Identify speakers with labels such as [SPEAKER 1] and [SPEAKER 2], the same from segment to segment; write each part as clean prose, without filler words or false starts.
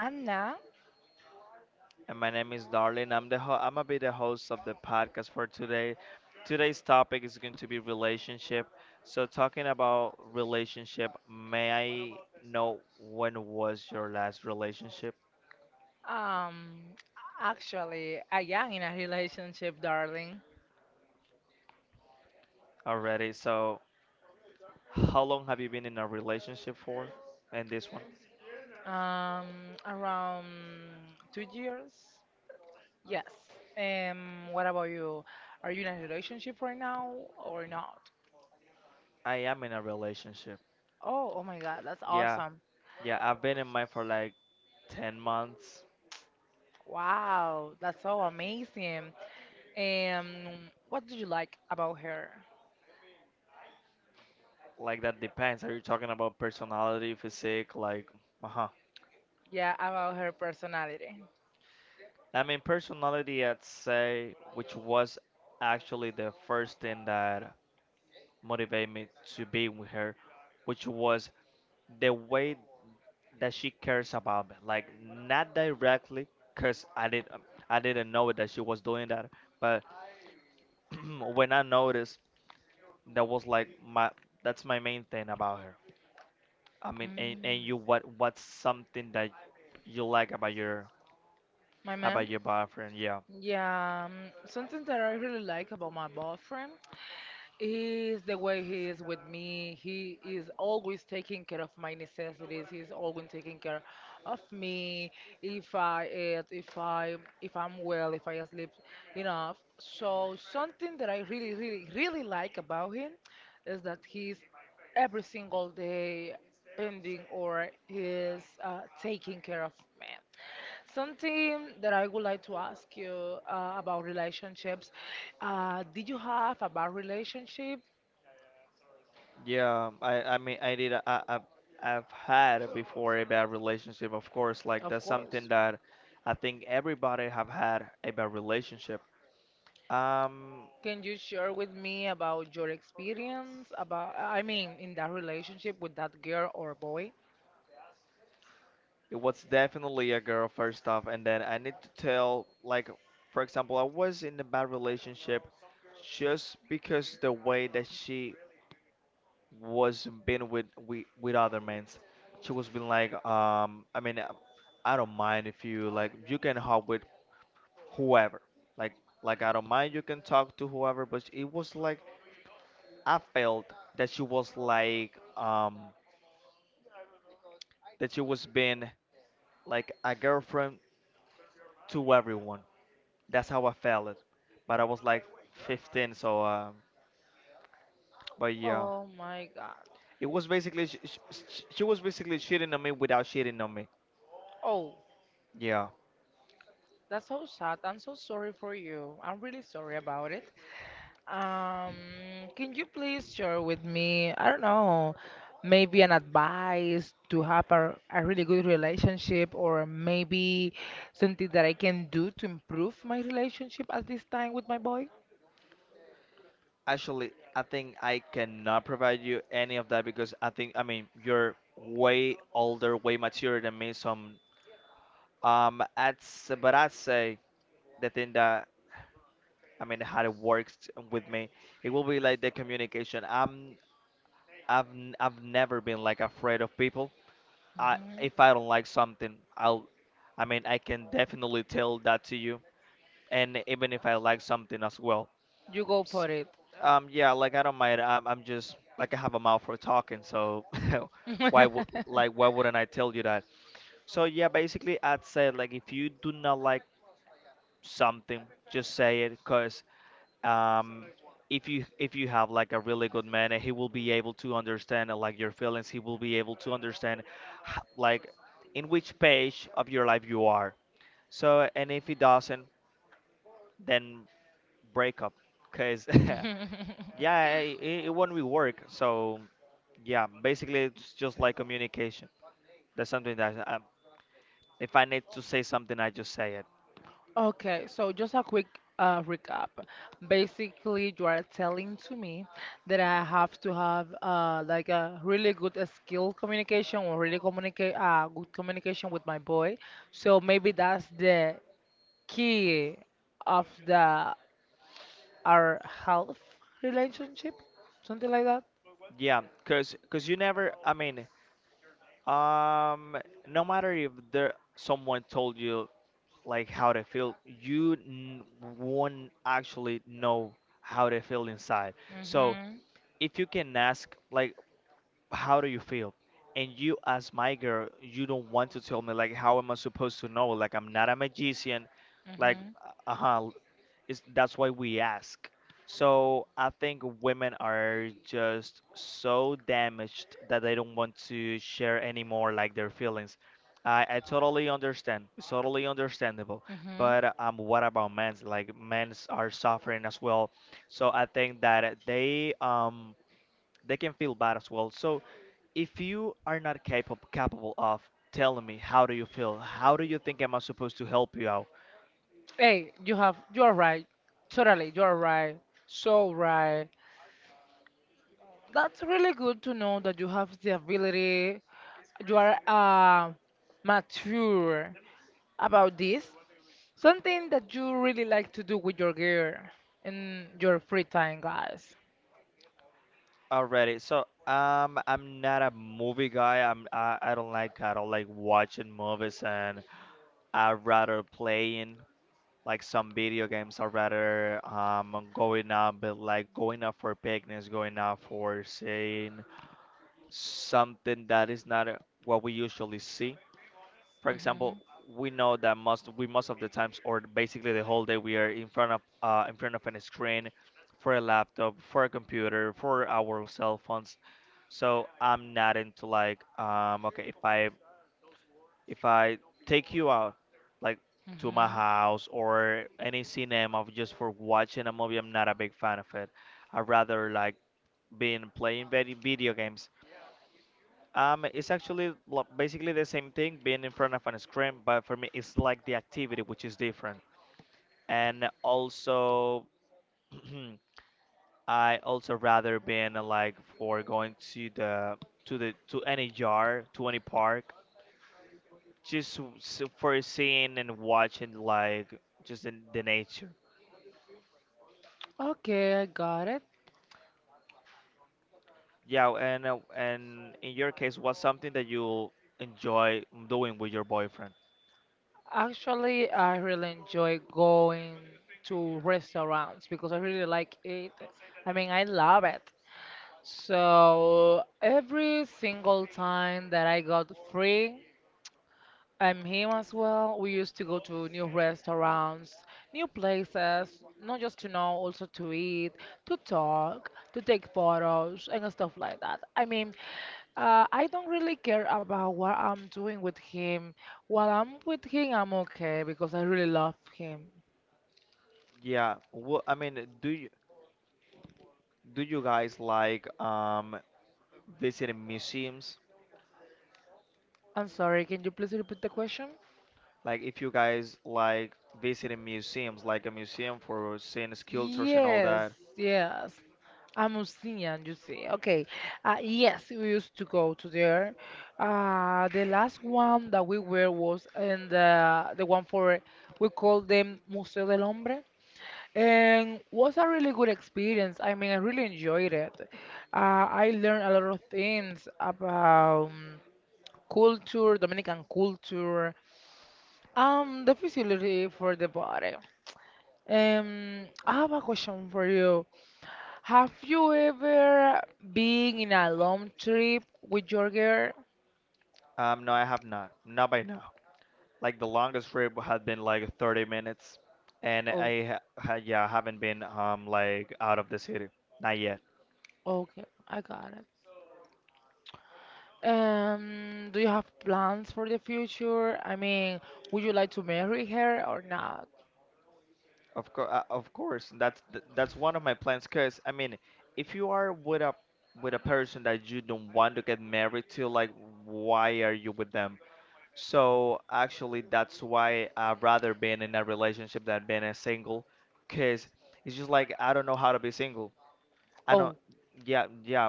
[SPEAKER 1] Anna,
[SPEAKER 2] and my name is Darlene. I'm gonna be the host of the podcast for today. Today's topic is going to be relationship. So talking about relationship, may I know when was your last relationship
[SPEAKER 1] um, actually, I am in a relationship, darling.
[SPEAKER 2] already? So how long have you been in a relationship for? And this one?
[SPEAKER 1] Um, around two years. Yes. What about you? Are you in a relationship right now or not?
[SPEAKER 2] I am in a relationship.
[SPEAKER 1] Oh, oh my God, that's
[SPEAKER 2] Yeah.
[SPEAKER 1] awesome.
[SPEAKER 2] Yeah, I've been in mine for like 10 months.
[SPEAKER 1] Wow, that's so amazing. Um, what do you like about her?
[SPEAKER 2] Like that depends. Are you talking about personality, physique, like, uh-huh.
[SPEAKER 1] Yeah, about her personality.
[SPEAKER 2] I mean, personality, I'd say, which was actually the first thing that motivated me to be with her, which was the way that she cares about me. Like, not directly, cause I did, I didn't know that she was doing that, but when I noticed, that was like my, that's my main thing about her. I mean, and,
[SPEAKER 1] Mm.
[SPEAKER 2] and you, what's something that you like about your.
[SPEAKER 1] My
[SPEAKER 2] How
[SPEAKER 1] man?
[SPEAKER 2] about your boyfriend? Yeah,
[SPEAKER 1] Yeah, something that I really like about my boyfriend is the way he is with me. He is always taking care of my necessities. He's always taking care of me if I eat, if I'm well, if I sleep enough. So something that I really, really, really like about him is that he's every single day pending or he's taking care of me. Something that I would like to ask you about relationships. Did you have a bad relationship?
[SPEAKER 2] yeah. I, I did. I've had before a bad relationship. Of course, like
[SPEAKER 1] Of
[SPEAKER 2] that's something
[SPEAKER 1] course.
[SPEAKER 2] that I think everybody have had a bad relationship. Um,
[SPEAKER 1] Can you share with me about your experience about, I mean, in that relationship with that girl or boy?
[SPEAKER 2] it was definitely a girl first off, and then I need to tell, like, for example, I was in a bad relationship just because the way that she was been with other men. She was been like, I don't mind if you like you can help with whoever. Like like I don't mind you can talk to whoever, but it was like I felt that she was like that she was being like a girlfriend to everyone. That's how I felt it. But I was like 15, so but yeah.
[SPEAKER 1] Oh my God.
[SPEAKER 2] It was basically she was basically cheating on me without cheating on me.
[SPEAKER 1] Oh,
[SPEAKER 2] Yeah.
[SPEAKER 1] that's so sad. I'm so sorry for you. I'm really sorry about it. Um, can you please share with me, I don't know, maybe an advice to have a really good relationship or maybe something that I can do to improve my relationship at this time with my boy?
[SPEAKER 2] Actually, I think I cannot provide you any of that because I think I mean you're way older, way mature than me, so I'm. That's but I'd say the thing that I mean how it works with me, it will be like the communication. I've never been like afraid of people. I
[SPEAKER 1] Mhm.
[SPEAKER 2] if I don't like something, I mean I can definitely tell that to you, and even if I like something as well.
[SPEAKER 1] You go for
[SPEAKER 2] S-
[SPEAKER 1] it.
[SPEAKER 2] Yeah, like I don't mind. I'm just like I have a mouth for talking, so why wouldn't I tell you that? So yeah, basically I'd say like if you do not like something, just say it, cause um if you have like a really good man he will be able to understand like your feelings he will be able to understand h- like in which page of your life you are. So and if he doesn't then break up because yeah it won't really work. So yeah basically it's just like communication, that's something that if I need to say something I just say it.
[SPEAKER 1] Okay, so just a quick recap. Basically, you are telling to me that I have to have like a really good skill communication or really communicate good communication with my boy. So maybe that's the key of the our health relationship, something like that.
[SPEAKER 2] Yeah because you never I mean um no matter if there someone told you like how they feel you won't actually know how they feel inside. So
[SPEAKER 1] Mhm,
[SPEAKER 2] if you can ask like how do you feel, and you as my girl you don't want to tell me, like how am I supposed to know? Like I'm not a magician. like
[SPEAKER 1] mhm,
[SPEAKER 2] uh-huh it's, that's why we ask. So I think women are just so damaged that they don't want to share anymore like their feelings. I totally understand. It's totally understandable.
[SPEAKER 1] mhm.
[SPEAKER 2] But what about men's? Like men's are suffering as well. So I think that they can feel bad as well. So if you are not capable of telling me how do you feel, how do you think am I supposed to help you.
[SPEAKER 1] Hey, you are right. Totally, you are right. So right. That's really good to know that you have the ability. You are mature about this. Something that you really like to do with your girl in your free time, guys.
[SPEAKER 2] Already. So, I'm not a movie guy. I don't like watching movies, and I rather playing like some video games. I rather going out, but like going out for picnics, going out for seeing something that is not what we usually see. For example,
[SPEAKER 1] Mhm.
[SPEAKER 2] we know that most we most of the times, or basically the whole day we are in front of a screen, for a laptop, for a computer, for our cell phones. So I'm not into like okay if I take you out like to my
[SPEAKER 1] Mhm.
[SPEAKER 2] house or any cinema just for watching a movie, I'm not a big fan of it. I rather like being playing video games. It's actually basically the same thing being in front of a screen, but for me it's like the activity which is different. And also, I also rather being like for going to the to any jar, to any park, just for seeing and watching like just in the nature.
[SPEAKER 1] Okay, I got it.
[SPEAKER 2] Yeah and in your case what's something that you enjoy doing with your boyfriend.
[SPEAKER 1] Actually, I really enjoy going to restaurants because I really like it. I mean, I love it. So every single time that I got free, I'm him as well. We used to go to new restaurants, new places, not just to know, also to eat, to talk, to take photos, and stuff like that. I mean, I don't really care about what I'm doing with him. While I'm with him, I'm okay because I really love him.
[SPEAKER 2] Yeah well I mean do you guys like visiting museums,
[SPEAKER 1] I'm sorry, can you please repeat the question?
[SPEAKER 2] like if you guys like visiting museums, like a museum for seeing sculptures and all
[SPEAKER 1] Yes,
[SPEAKER 2] that.
[SPEAKER 1] yes. A museum, you see. Okay. Yes, we used to go to there. The last one that we were was in the one for we call them Museo del Hombre, and was a really good experience. I mean, I really enjoyed it. I learned a lot of things about culture, Dominican culture, the facility for the body. I have a question for you. Have you ever been in a long trip with your girl?
[SPEAKER 2] Um no I have not, not by now. Like the longest trip had been like 30 minutes, and
[SPEAKER 1] Oh,
[SPEAKER 2] I yeah haven't been like out of the city, not yet.
[SPEAKER 1] okay, I got it. Do you have plans for the future? I mean, would you like to marry her or not?
[SPEAKER 2] Of course, that's one of my plans. Cause I mean, if you are with a person that you don't want to get married to, like why are you with them? So actually, that's why I'd rather been in a relationship than been a single, cause it's just like I don't know how to be single. I don't.
[SPEAKER 1] Oh,
[SPEAKER 2] Yeah, yeah.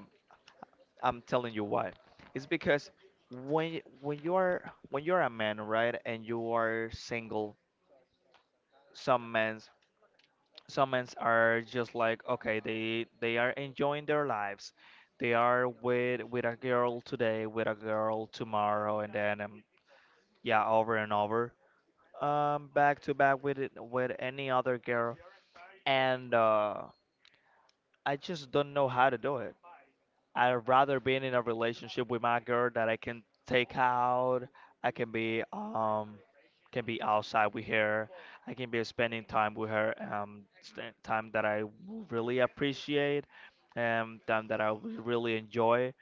[SPEAKER 2] I'm telling you why. It's because when you're a man, right, and you are single, some men's are just like okay, they are enjoying their lives. They are with a girl today, with a girl tomorrow, and then yeah, over and over, back to back with it, with any other girl, and I just don't know how to do it. I'd rather be in a relationship with my girl that I can take out. I can be outside with her. I can be spending time with her. Time that really appreciate. Time that really enjoy.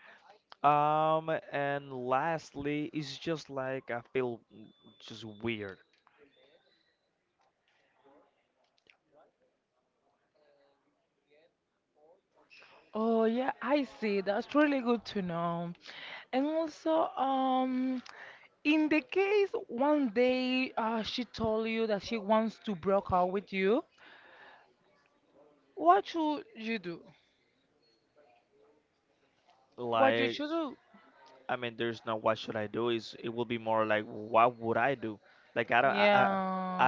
[SPEAKER 2] And lastly, it's just like I feel just weird.
[SPEAKER 1] oh, yeah, I see. That's really good to know. And also, in the case one day she told you that she wants to break up with you, what should you do? What you
[SPEAKER 2] Like
[SPEAKER 1] should do?
[SPEAKER 2] I mean, there's no what should I do. Is it will be more like what would I do? Like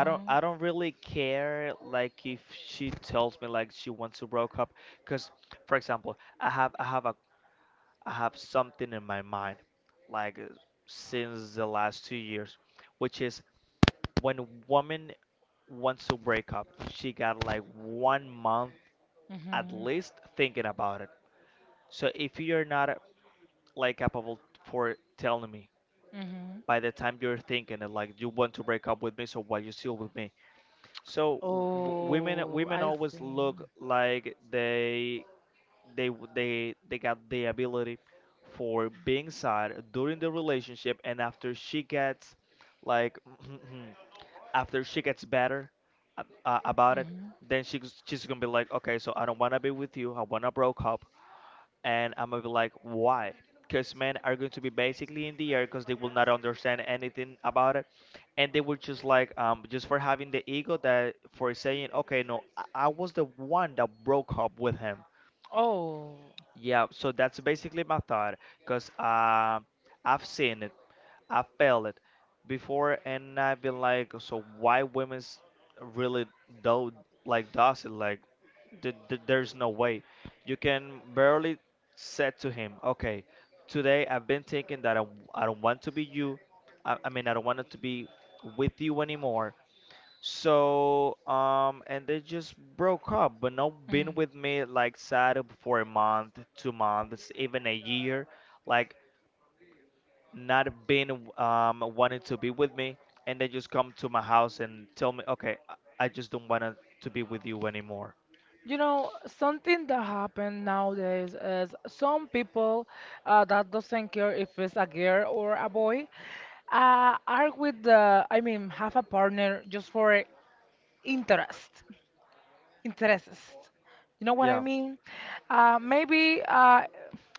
[SPEAKER 2] I don't really care. Like if she tells me like she wants to broke up, because for example, I have something in my mind, like since the last 2 years, which is when a woman wants to break up, she got like 1 month at
[SPEAKER 1] Mhm.
[SPEAKER 2] least thinking about it. So if you're not like capable for telling me
[SPEAKER 1] Mhm.
[SPEAKER 2] by the time you're thinking it, like you want to break up with me, so why you still with me? So women
[SPEAKER 1] Oh, I
[SPEAKER 2] always
[SPEAKER 1] see.
[SPEAKER 2] look like they got the ability for being sad during the relationship, and after she gets like after she gets better about it,
[SPEAKER 1] Mhm.
[SPEAKER 2] then she's gonna be like, okay, so I don't wanna be with you. I wanna broke up. And I'm gonna be like, why? Because men are going to be basically in the air because they will not understand anything about it, and they were just like, just for having the ego that for saying, okay, no, I was the one that broke up with him.
[SPEAKER 1] Oh.
[SPEAKER 2] Yeah, so that's basically my thought because I've seen it, I've felt it before, and I've been like, so why women's really do like does it like th- th- there's no way. You can barely say to him, okay, today I've been thinking that I don't want to be you. I mean, I don't want it to be with you anymore. So, and they just broke up, but not been
[SPEAKER 1] Mm.
[SPEAKER 2] with me like sad for a month, 2 months, even a year, like not been wanting to be with me, and they just come to my house and tell me, okay, I just don't want to be with you anymore.
[SPEAKER 1] You know, something that happen nowadays is some people that doesn't care if it's a girl or a boy are with the, I mean, have a partner just for interest. Interests. You know what I
[SPEAKER 2] Yeah.
[SPEAKER 1] mean? Maybe,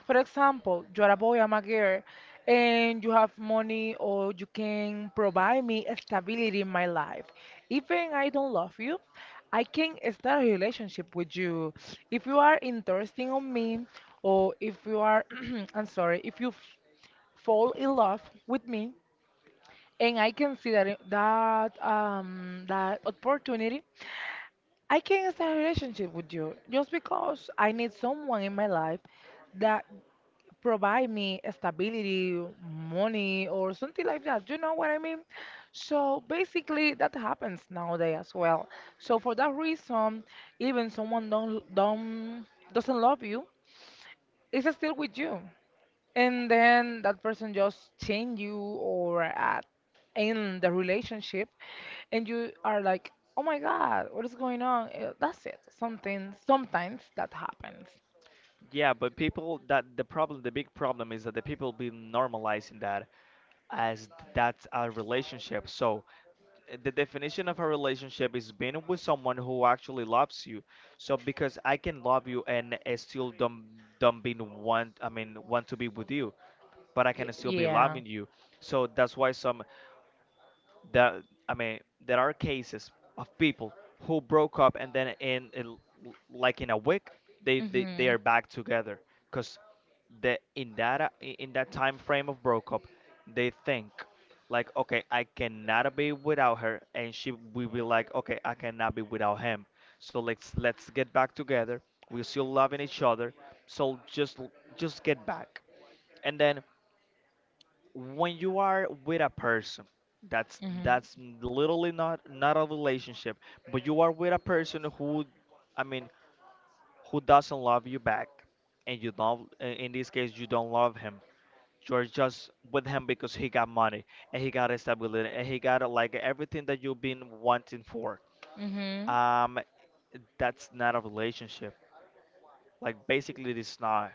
[SPEAKER 1] for example, you're a boy, I'm a girl, and you have money or you can provide me a stability in my life. Even I don't love you, I can start a relationship with you. If you are interested on me, or if you are, I'm sorry, if you fall in love with me, and I can see that opportunity I can't start a relationship with you just because I need someone in my life that provide me stability, money, or something like that. You know what I mean? So basically, that happens nowadays as well. So for that reason, even someone don't doesn't love you, is still with you, and then that person just change you or at end the relationship, and you are like, oh my God, what is going on? That's it, something sometimes that happens.
[SPEAKER 2] Yeah, but people that the problem, the big problem is that the people be normalizing that as that's a relationship. So the definition of a relationship is being with someone who actually loves you. So because I can love you and I still don't be want, I mean, want to be with you, but I
[SPEAKER 1] Ye-
[SPEAKER 2] can still be
[SPEAKER 1] yeah
[SPEAKER 2] loving you. So that's why some that I mean, there are cases of people who broke up and then in like in a week they
[SPEAKER 1] Hmm.
[SPEAKER 2] are back together. Because that in that I- in that time frame of breakup, they think like, okay, I cannot be without her, and she will be like, okay, I cannot be without him. So let's get back together. We're still loving each other, so just get back. And then when you are with a person, that's
[SPEAKER 1] Mhm.
[SPEAKER 2] that's literally not a relationship, but you are with a person who, I mean, who doesn't love you back, and you don't. In this case, you don't love him, you're just with him because he got money and he got stability and he got like everything that you've been wanting for.
[SPEAKER 1] Mhm.
[SPEAKER 2] Um, that's not a relationship. Like basically, it's not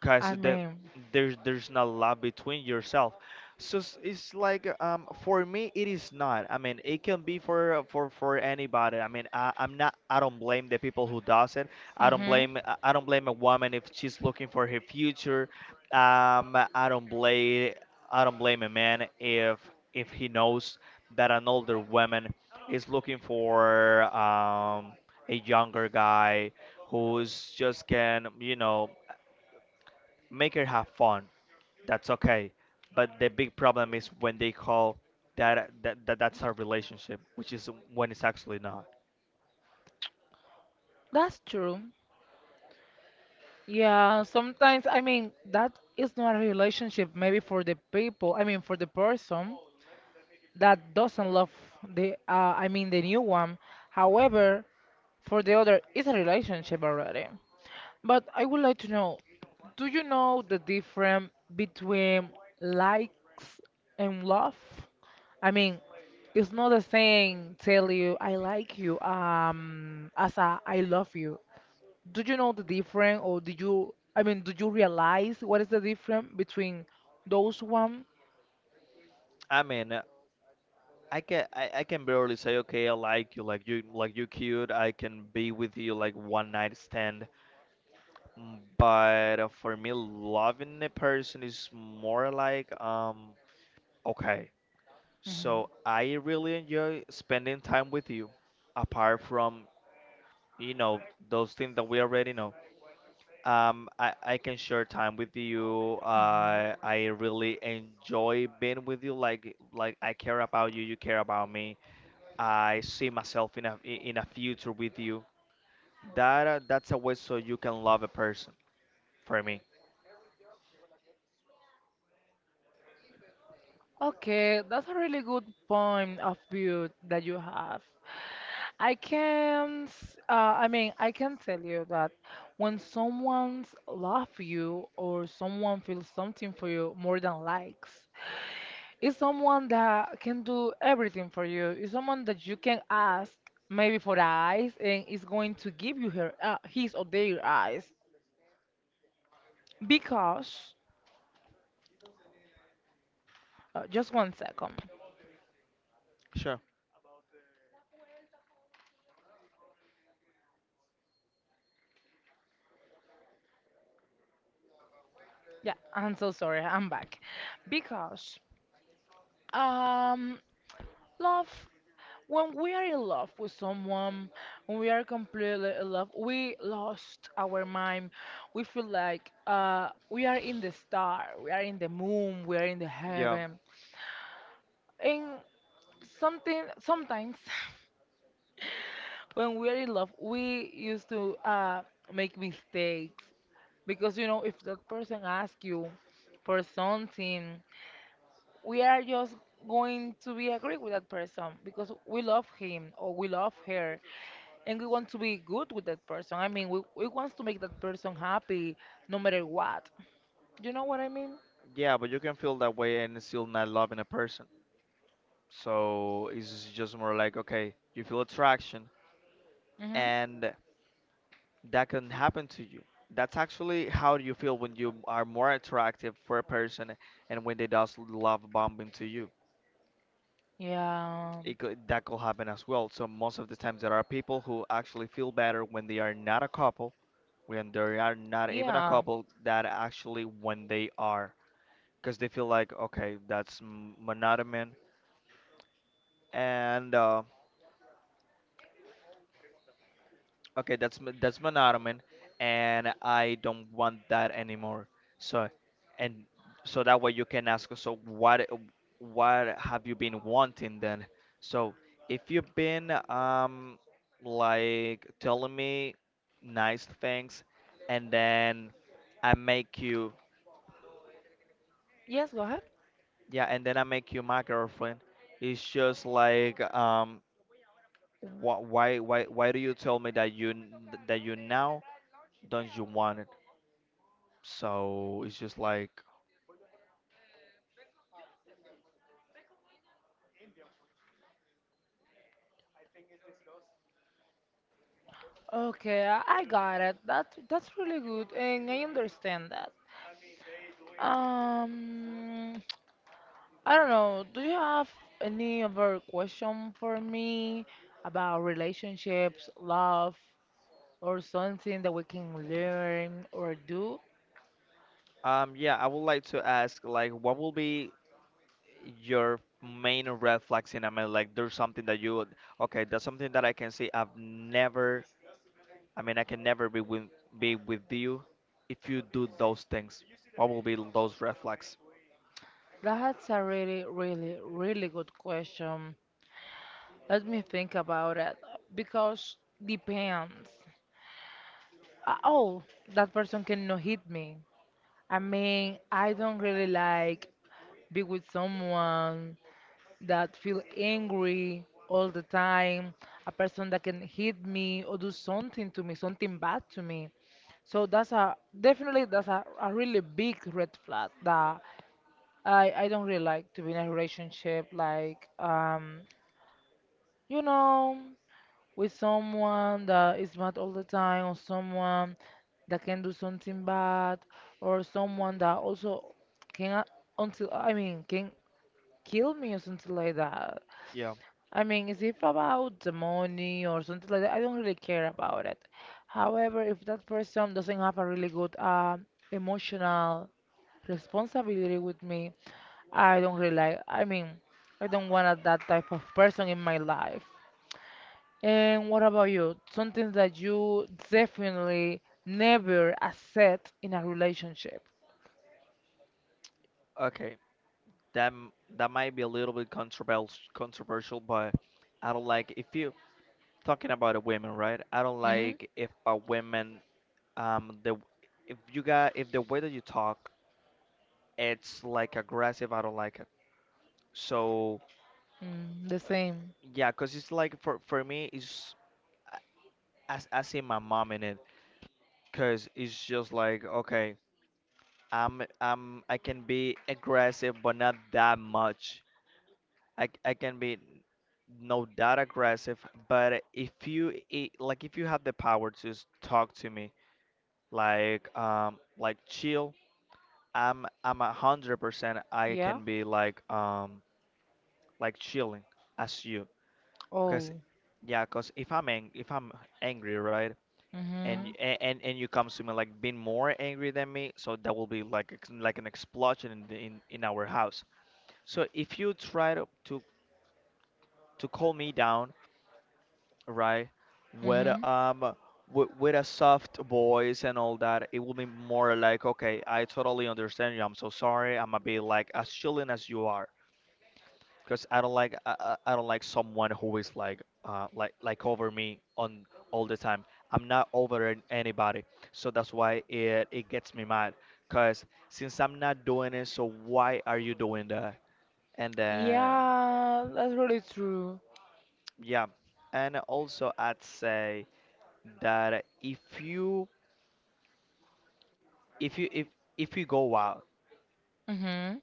[SPEAKER 2] because
[SPEAKER 1] I
[SPEAKER 2] that
[SPEAKER 1] mean,
[SPEAKER 2] there's not a lot between yourself, so it's like for me it is not, I mean it can be for anybody. I mean, I'm not, I don't blame the people who does it I don't
[SPEAKER 1] mhm.
[SPEAKER 2] blame I don't blame a woman if she's looking for her future. I don't blame, I don't blame a man if he knows that an older woman is looking for a younger guy who's just can, you know, make her have fun. That's okay. But the big problem is when they call that's our relationship, which is when it's actually not.
[SPEAKER 1] That's true. Yeah, sometimes, I mean, that is not a relationship, maybe for the people, I mean, for the person that doesn't love I mean, the new one. However, for the other, it's a relationship already. But I would like to know, do you know the difference between likes and love? I mean, it's not the same tell you I like you as a I love you. Do you know the difference, or do you, I mean, do you realize what is the difference between those one?
[SPEAKER 2] I mean, uh, I can, I can barely say okay, I like you, like you, like you cute. I can be with you like one night stand. Mm. But for me, loving a person is more like okay.
[SPEAKER 1] Mhm.
[SPEAKER 2] So I really enjoy spending time with you, apart from, you know, those things that we already know. I can share time with you. I really enjoy being with you. Like I care about you, you care about me. I see myself in a future with you. That's a way so you can love a person. For me,
[SPEAKER 1] Okay, that's a really good point of view that you have. I mean, I can tell you that when someone's love you or someone feels something for you more than likes, it's someone that can do everything for you. It's someone that you can ask maybe for eyes and is going to give you her his or their eyes because just one second.
[SPEAKER 2] sure.
[SPEAKER 1] Yeah, I'm so sorry. I'm back. Because um love, when we are in love with someone, when we are completely in love, we lost our mind. We feel like we are in the star, we are in the moon, we are in the
[SPEAKER 2] Yeah,
[SPEAKER 1] heaven. And something sometimes when we are in love we used to make mistakes because you know if that person asks you for something we are just going to be agree with that person because we love him or we love her, and we want to be good with that person, I mean we want to make that person happy no matter what. You know what I mean?
[SPEAKER 2] yeah, but you can feel that way and still not loving a person. So it's just more like okay, you feel attraction,
[SPEAKER 1] Hmm.
[SPEAKER 2] and that can happen to you. That's actually how you feel when you are more attractive for a person and when they does love bombing to you.
[SPEAKER 1] Yeah,
[SPEAKER 2] It could, that could happen as well. So most of the times there are people who actually feel better when they are not a couple, when they are not even a
[SPEAKER 1] yeah.
[SPEAKER 2] couple, that actually when they are, because they feel like okay, monotonous and okay, that's monotony, and I don't want that anymore. So, and so that way you can ask. So what have you been wanting then? So if you've been like telling me nice things, and then I make you,
[SPEAKER 1] Yes, go ahead.
[SPEAKER 2] yeah, and then I make you my girlfriend. It's just like why do you tell me that that you now don't you want it? So it's just like,
[SPEAKER 1] Okay, I got it. That's really good, and I understand that. Um, I don't know. Do you have any other question for me about relationships, love, or something that we can learn or do?
[SPEAKER 2] yeah, I would like to ask, like, what will be your main red flags in a man? Like, there's something that okay, that's something that I can see. I've never, I mean, I can never be with you if you do those things. What will be those red flags?
[SPEAKER 1] That's a really, really, really good question. Let me think about it because depends. Oh, that person cannot hit me. I mean, I don't really like be with someone that feel angry all the time, a person that can hit me or do something to me, something bad to me. So that's a definitely that's a really big red flag that I don't really like to be in a relationship like you know with someone that is mad all the time or someone that can do something bad or someone that also can until, I mean, can kill me or something like that.
[SPEAKER 2] Yeah.
[SPEAKER 1] I mean, is if about the money or something like that, I don't really care about it. However, if that person doesn't have a really good emotional responsibility with me, I don't really like. I mean, I don't want that type of person in my life. And what about you? Something that you definitely never accept in a relationship.
[SPEAKER 2] Okay. That might be a little bit controversial, but I don't like if you, talking about a woman, right? I don't
[SPEAKER 1] Mm-hmm.
[SPEAKER 2] like if a woman, the if you got, if the way that you talk, it's like aggressive, I don't like it. So
[SPEAKER 1] Mm, the
[SPEAKER 2] uh,
[SPEAKER 1] same.
[SPEAKER 2] yeah, cause it's like for me, it's I, I see my mom in it. Cause it's just like okay, I can be aggressive, but not that much. I can be no that aggressive, but if you I like if you have the power to talk to me, like chill, I'm 100% I
[SPEAKER 1] Yeah.
[SPEAKER 2] can be like chilling as you. Cause
[SPEAKER 1] Oh.
[SPEAKER 2] yeah, cause if I'm angry, right, and y-
[SPEAKER 1] Mhm.
[SPEAKER 2] a- and you come to me like being more angry than me, so that will be like an explosion in in our house. So if you try to calm me down, right, with
[SPEAKER 1] Mhm.
[SPEAKER 2] um with a soft voice and all that, it will be more like okay, I totally understand you, I'm so sorry, I'm a bit like as chilling as you are, because I don't like, I, I don't like someone who is like like over me on all the time. I'm not over anybody, so that's why it it gets me mad. Cause since I'm not doing it, so why are you doing that? And
[SPEAKER 1] Yeah, that's really true.
[SPEAKER 2] yeah, and also I'd say that if you if if you go out
[SPEAKER 1] Mhm.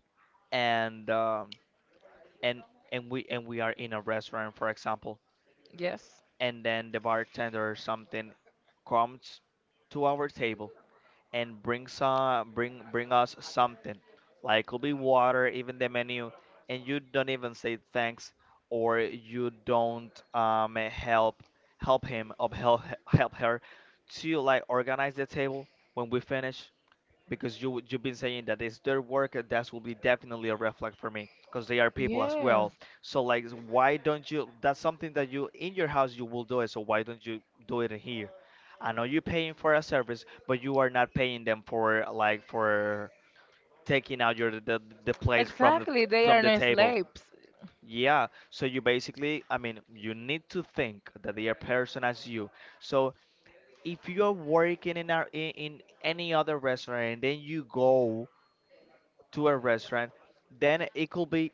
[SPEAKER 2] and and and we, and we are in a restaurant, for example,
[SPEAKER 1] Yes.
[SPEAKER 2] and then the bartender or something comes to our table and bring us something, like could be water, even the menu, and you don't even say thanks, or you don't help, help him, or help, help her to like organize the table when we finish, because you you've been saying that it's their work, and that will be definitely a red flag for me because they are people as well.
[SPEAKER 1] Yes,
[SPEAKER 2] So like why don't you, that's something that you in your house you will do it, so why don't you do it in here? I know you're paying for a service, but you are not paying them for like for taking out the plates
[SPEAKER 1] exactly. They are
[SPEAKER 2] from the
[SPEAKER 1] no
[SPEAKER 2] table.
[SPEAKER 1] slaves.
[SPEAKER 2] Yeah, so you basically, I mean, you need to think that they are person as you. So if you are working in in any other restaurant and then you go to a restaurant, then it could be,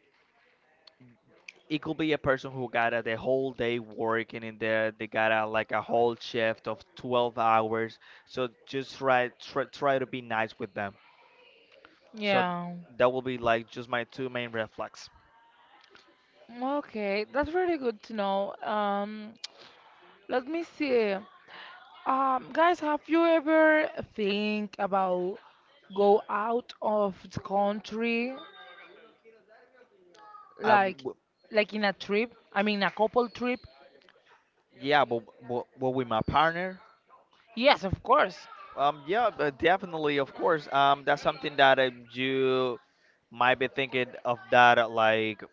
[SPEAKER 2] it could be a person who got a, the whole day working in there. They got a, like a whole shift of 12 hours. So just try to be nice with them. So
[SPEAKER 1] Yeah.
[SPEAKER 2] that will be like just my two main red flags.
[SPEAKER 1] Okay, that's really good to know. Let me see. Guys, have you ever think about go out of the country,
[SPEAKER 2] I w-
[SPEAKER 1] like,
[SPEAKER 2] w-
[SPEAKER 1] like in a trip? I mean, a couple trip?
[SPEAKER 2] yeah, but with my partner,
[SPEAKER 1] Yes, of course.
[SPEAKER 2] yeah, but definitely, of course. That's something that you might be thinking of that like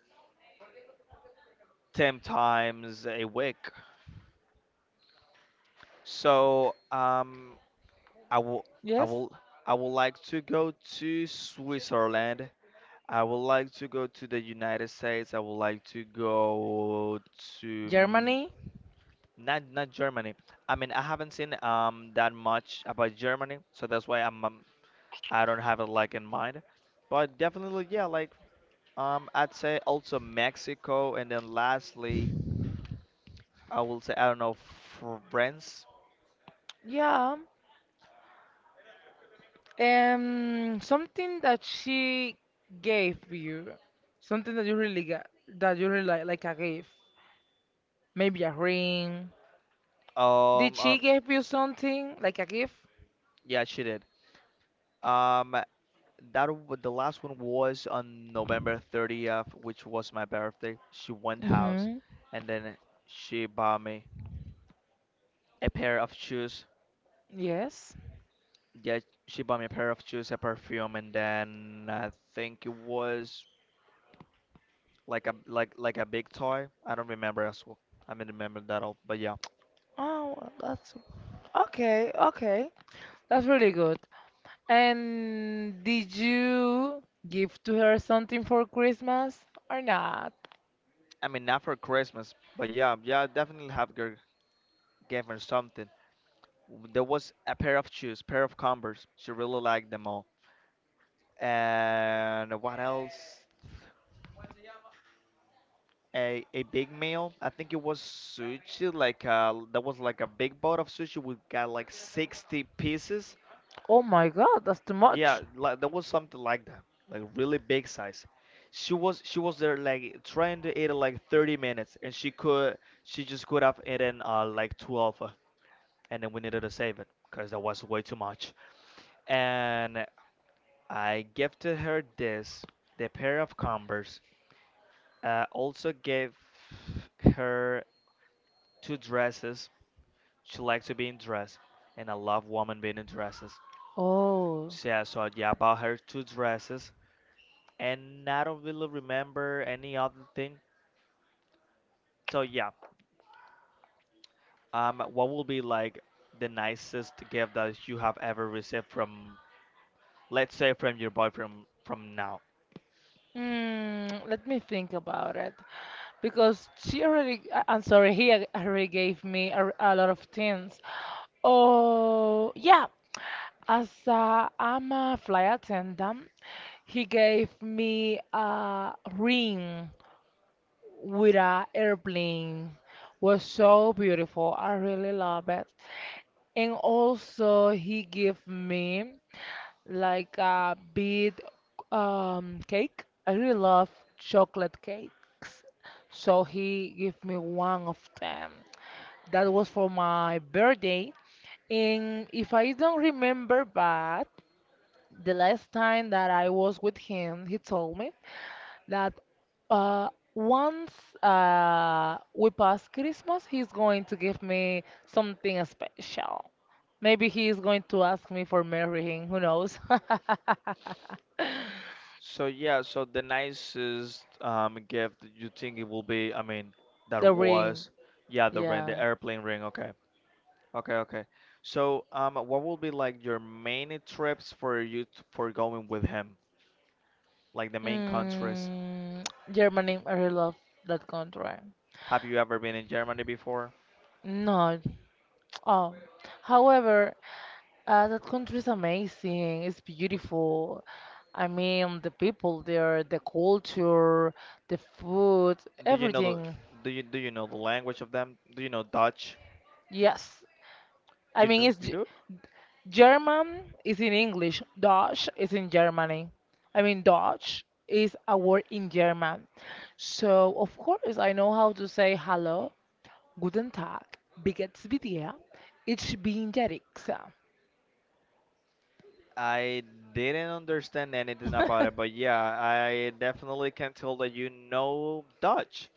[SPEAKER 2] 10 times a week. So, I will, I
[SPEAKER 1] Yes,
[SPEAKER 2] will, I would like to go to Switzerland. I would like to go to the United States. I would like to go to mm,
[SPEAKER 1] Germany.
[SPEAKER 2] not Germany. I mean, I haven't seen that much about Germany, so that's why I'm I don't have it like in mind. But definitely, yeah, like I'd say also Mexico, and then lastly, I will say I don't know, France.
[SPEAKER 1] Yeah. Something that she gave you, something that you really got, that you really like a gift, maybe a ring. Did
[SPEAKER 2] Um,
[SPEAKER 1] she
[SPEAKER 2] um
[SPEAKER 1] give you something like a gift?
[SPEAKER 2] yeah, she did. Um, the last one was on November 30th, which was my birthday. She went house,
[SPEAKER 1] Mm-hmm.
[SPEAKER 2] and then she bought me a pair of shoes.
[SPEAKER 1] Yes.
[SPEAKER 2] Yeah, she bought me a pair of shoes, a perfume, and then I think it was like a a big toy. I don't remember as well. I mean, remember that all, but yeah.
[SPEAKER 1] Oh, well, that's okay. Okay, that's really good. And did you give to her something for Christmas or not?
[SPEAKER 2] I mean, not for Christmas, but yeah, yeah, I definitely gave her something. There was a pair of shoes, pair of Converse. She really liked them all. And what else? A big meal. I think it was sushi, like that was like a big bowl of sushi. We got like 60 pieces.
[SPEAKER 1] Oh my God, that's too much.
[SPEAKER 2] Yeah, like, that was something like that, like really big size. She was there like trying to eat it like 30 minutes, and she just could have eaten like 12, and then we needed to save it because that was way too much. And I gifted her this, the pair of Converse. Also gave her two dresses. She likes to be in dress, and I love women being in dresses.
[SPEAKER 1] Oh.
[SPEAKER 2] So yeah, so yeah, I bought her two dresses, and I don't really remember any other thing. So yeah, what will be like the nicest gift that you have ever received from, let's say, from your boyfriend from now?
[SPEAKER 1] Mm, let me think about it. Because she already, I'm sorry, he already gave me a lot of things. Oh, yeah. As I'm a flight attendant, he gave me a ring with a airplane. Was so beautiful. I really love it. And also he gave me like a big cake. I really love chocolate cakes. So he gave me one of them. That was for my birthday. And if I don't remember bad, the last time that I was with him, he told me that once we pass Christmas, he's going to give me something special. Maybe he is going to ask me for marrying, who knows?
[SPEAKER 2] So yeah, so the nicest gift that you think it will be, I mean, that
[SPEAKER 1] The ring.
[SPEAKER 2] was, yeah, the ring, the
[SPEAKER 1] Yeah.
[SPEAKER 2] airplane ring. Okay. Okay, okay. So, what will be like your main trips for you t for going with him? Like the main countries.
[SPEAKER 1] Mm, Germany, I really love that country.
[SPEAKER 2] Have you ever been in Germany before?
[SPEAKER 1] No. Oh. However, that country is amazing. It's beautiful. I mean, the people there, the culture, the food,
[SPEAKER 2] Do you know the,
[SPEAKER 1] everything.
[SPEAKER 2] do you know the language of them? Do you know Dutch?
[SPEAKER 1] Yes. I
[SPEAKER 2] You know
[SPEAKER 1] mean,
[SPEAKER 2] you do?
[SPEAKER 1] German is in English. Dutch is in Germany. I mean, Dutch is a word in German. So, of course, I know how to say hello. Guten Tag, begins with ja, ich bin der Rixa.
[SPEAKER 2] I didn't understand anything about it, but yeah, I definitely can tell that you know Dutch.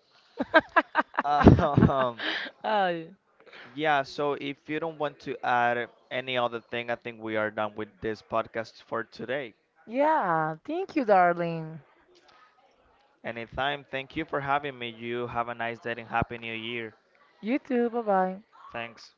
[SPEAKER 2] Um,
[SPEAKER 1] Uh,
[SPEAKER 2] yeah, so if you don't want to add any other thing, I think we are done with this podcast for today.
[SPEAKER 1] yeah, thank you, darling.
[SPEAKER 2] Anytime. Thank you for having me. You have a nice day and happy new year.
[SPEAKER 1] You too, bye bye.
[SPEAKER 2] Thanks.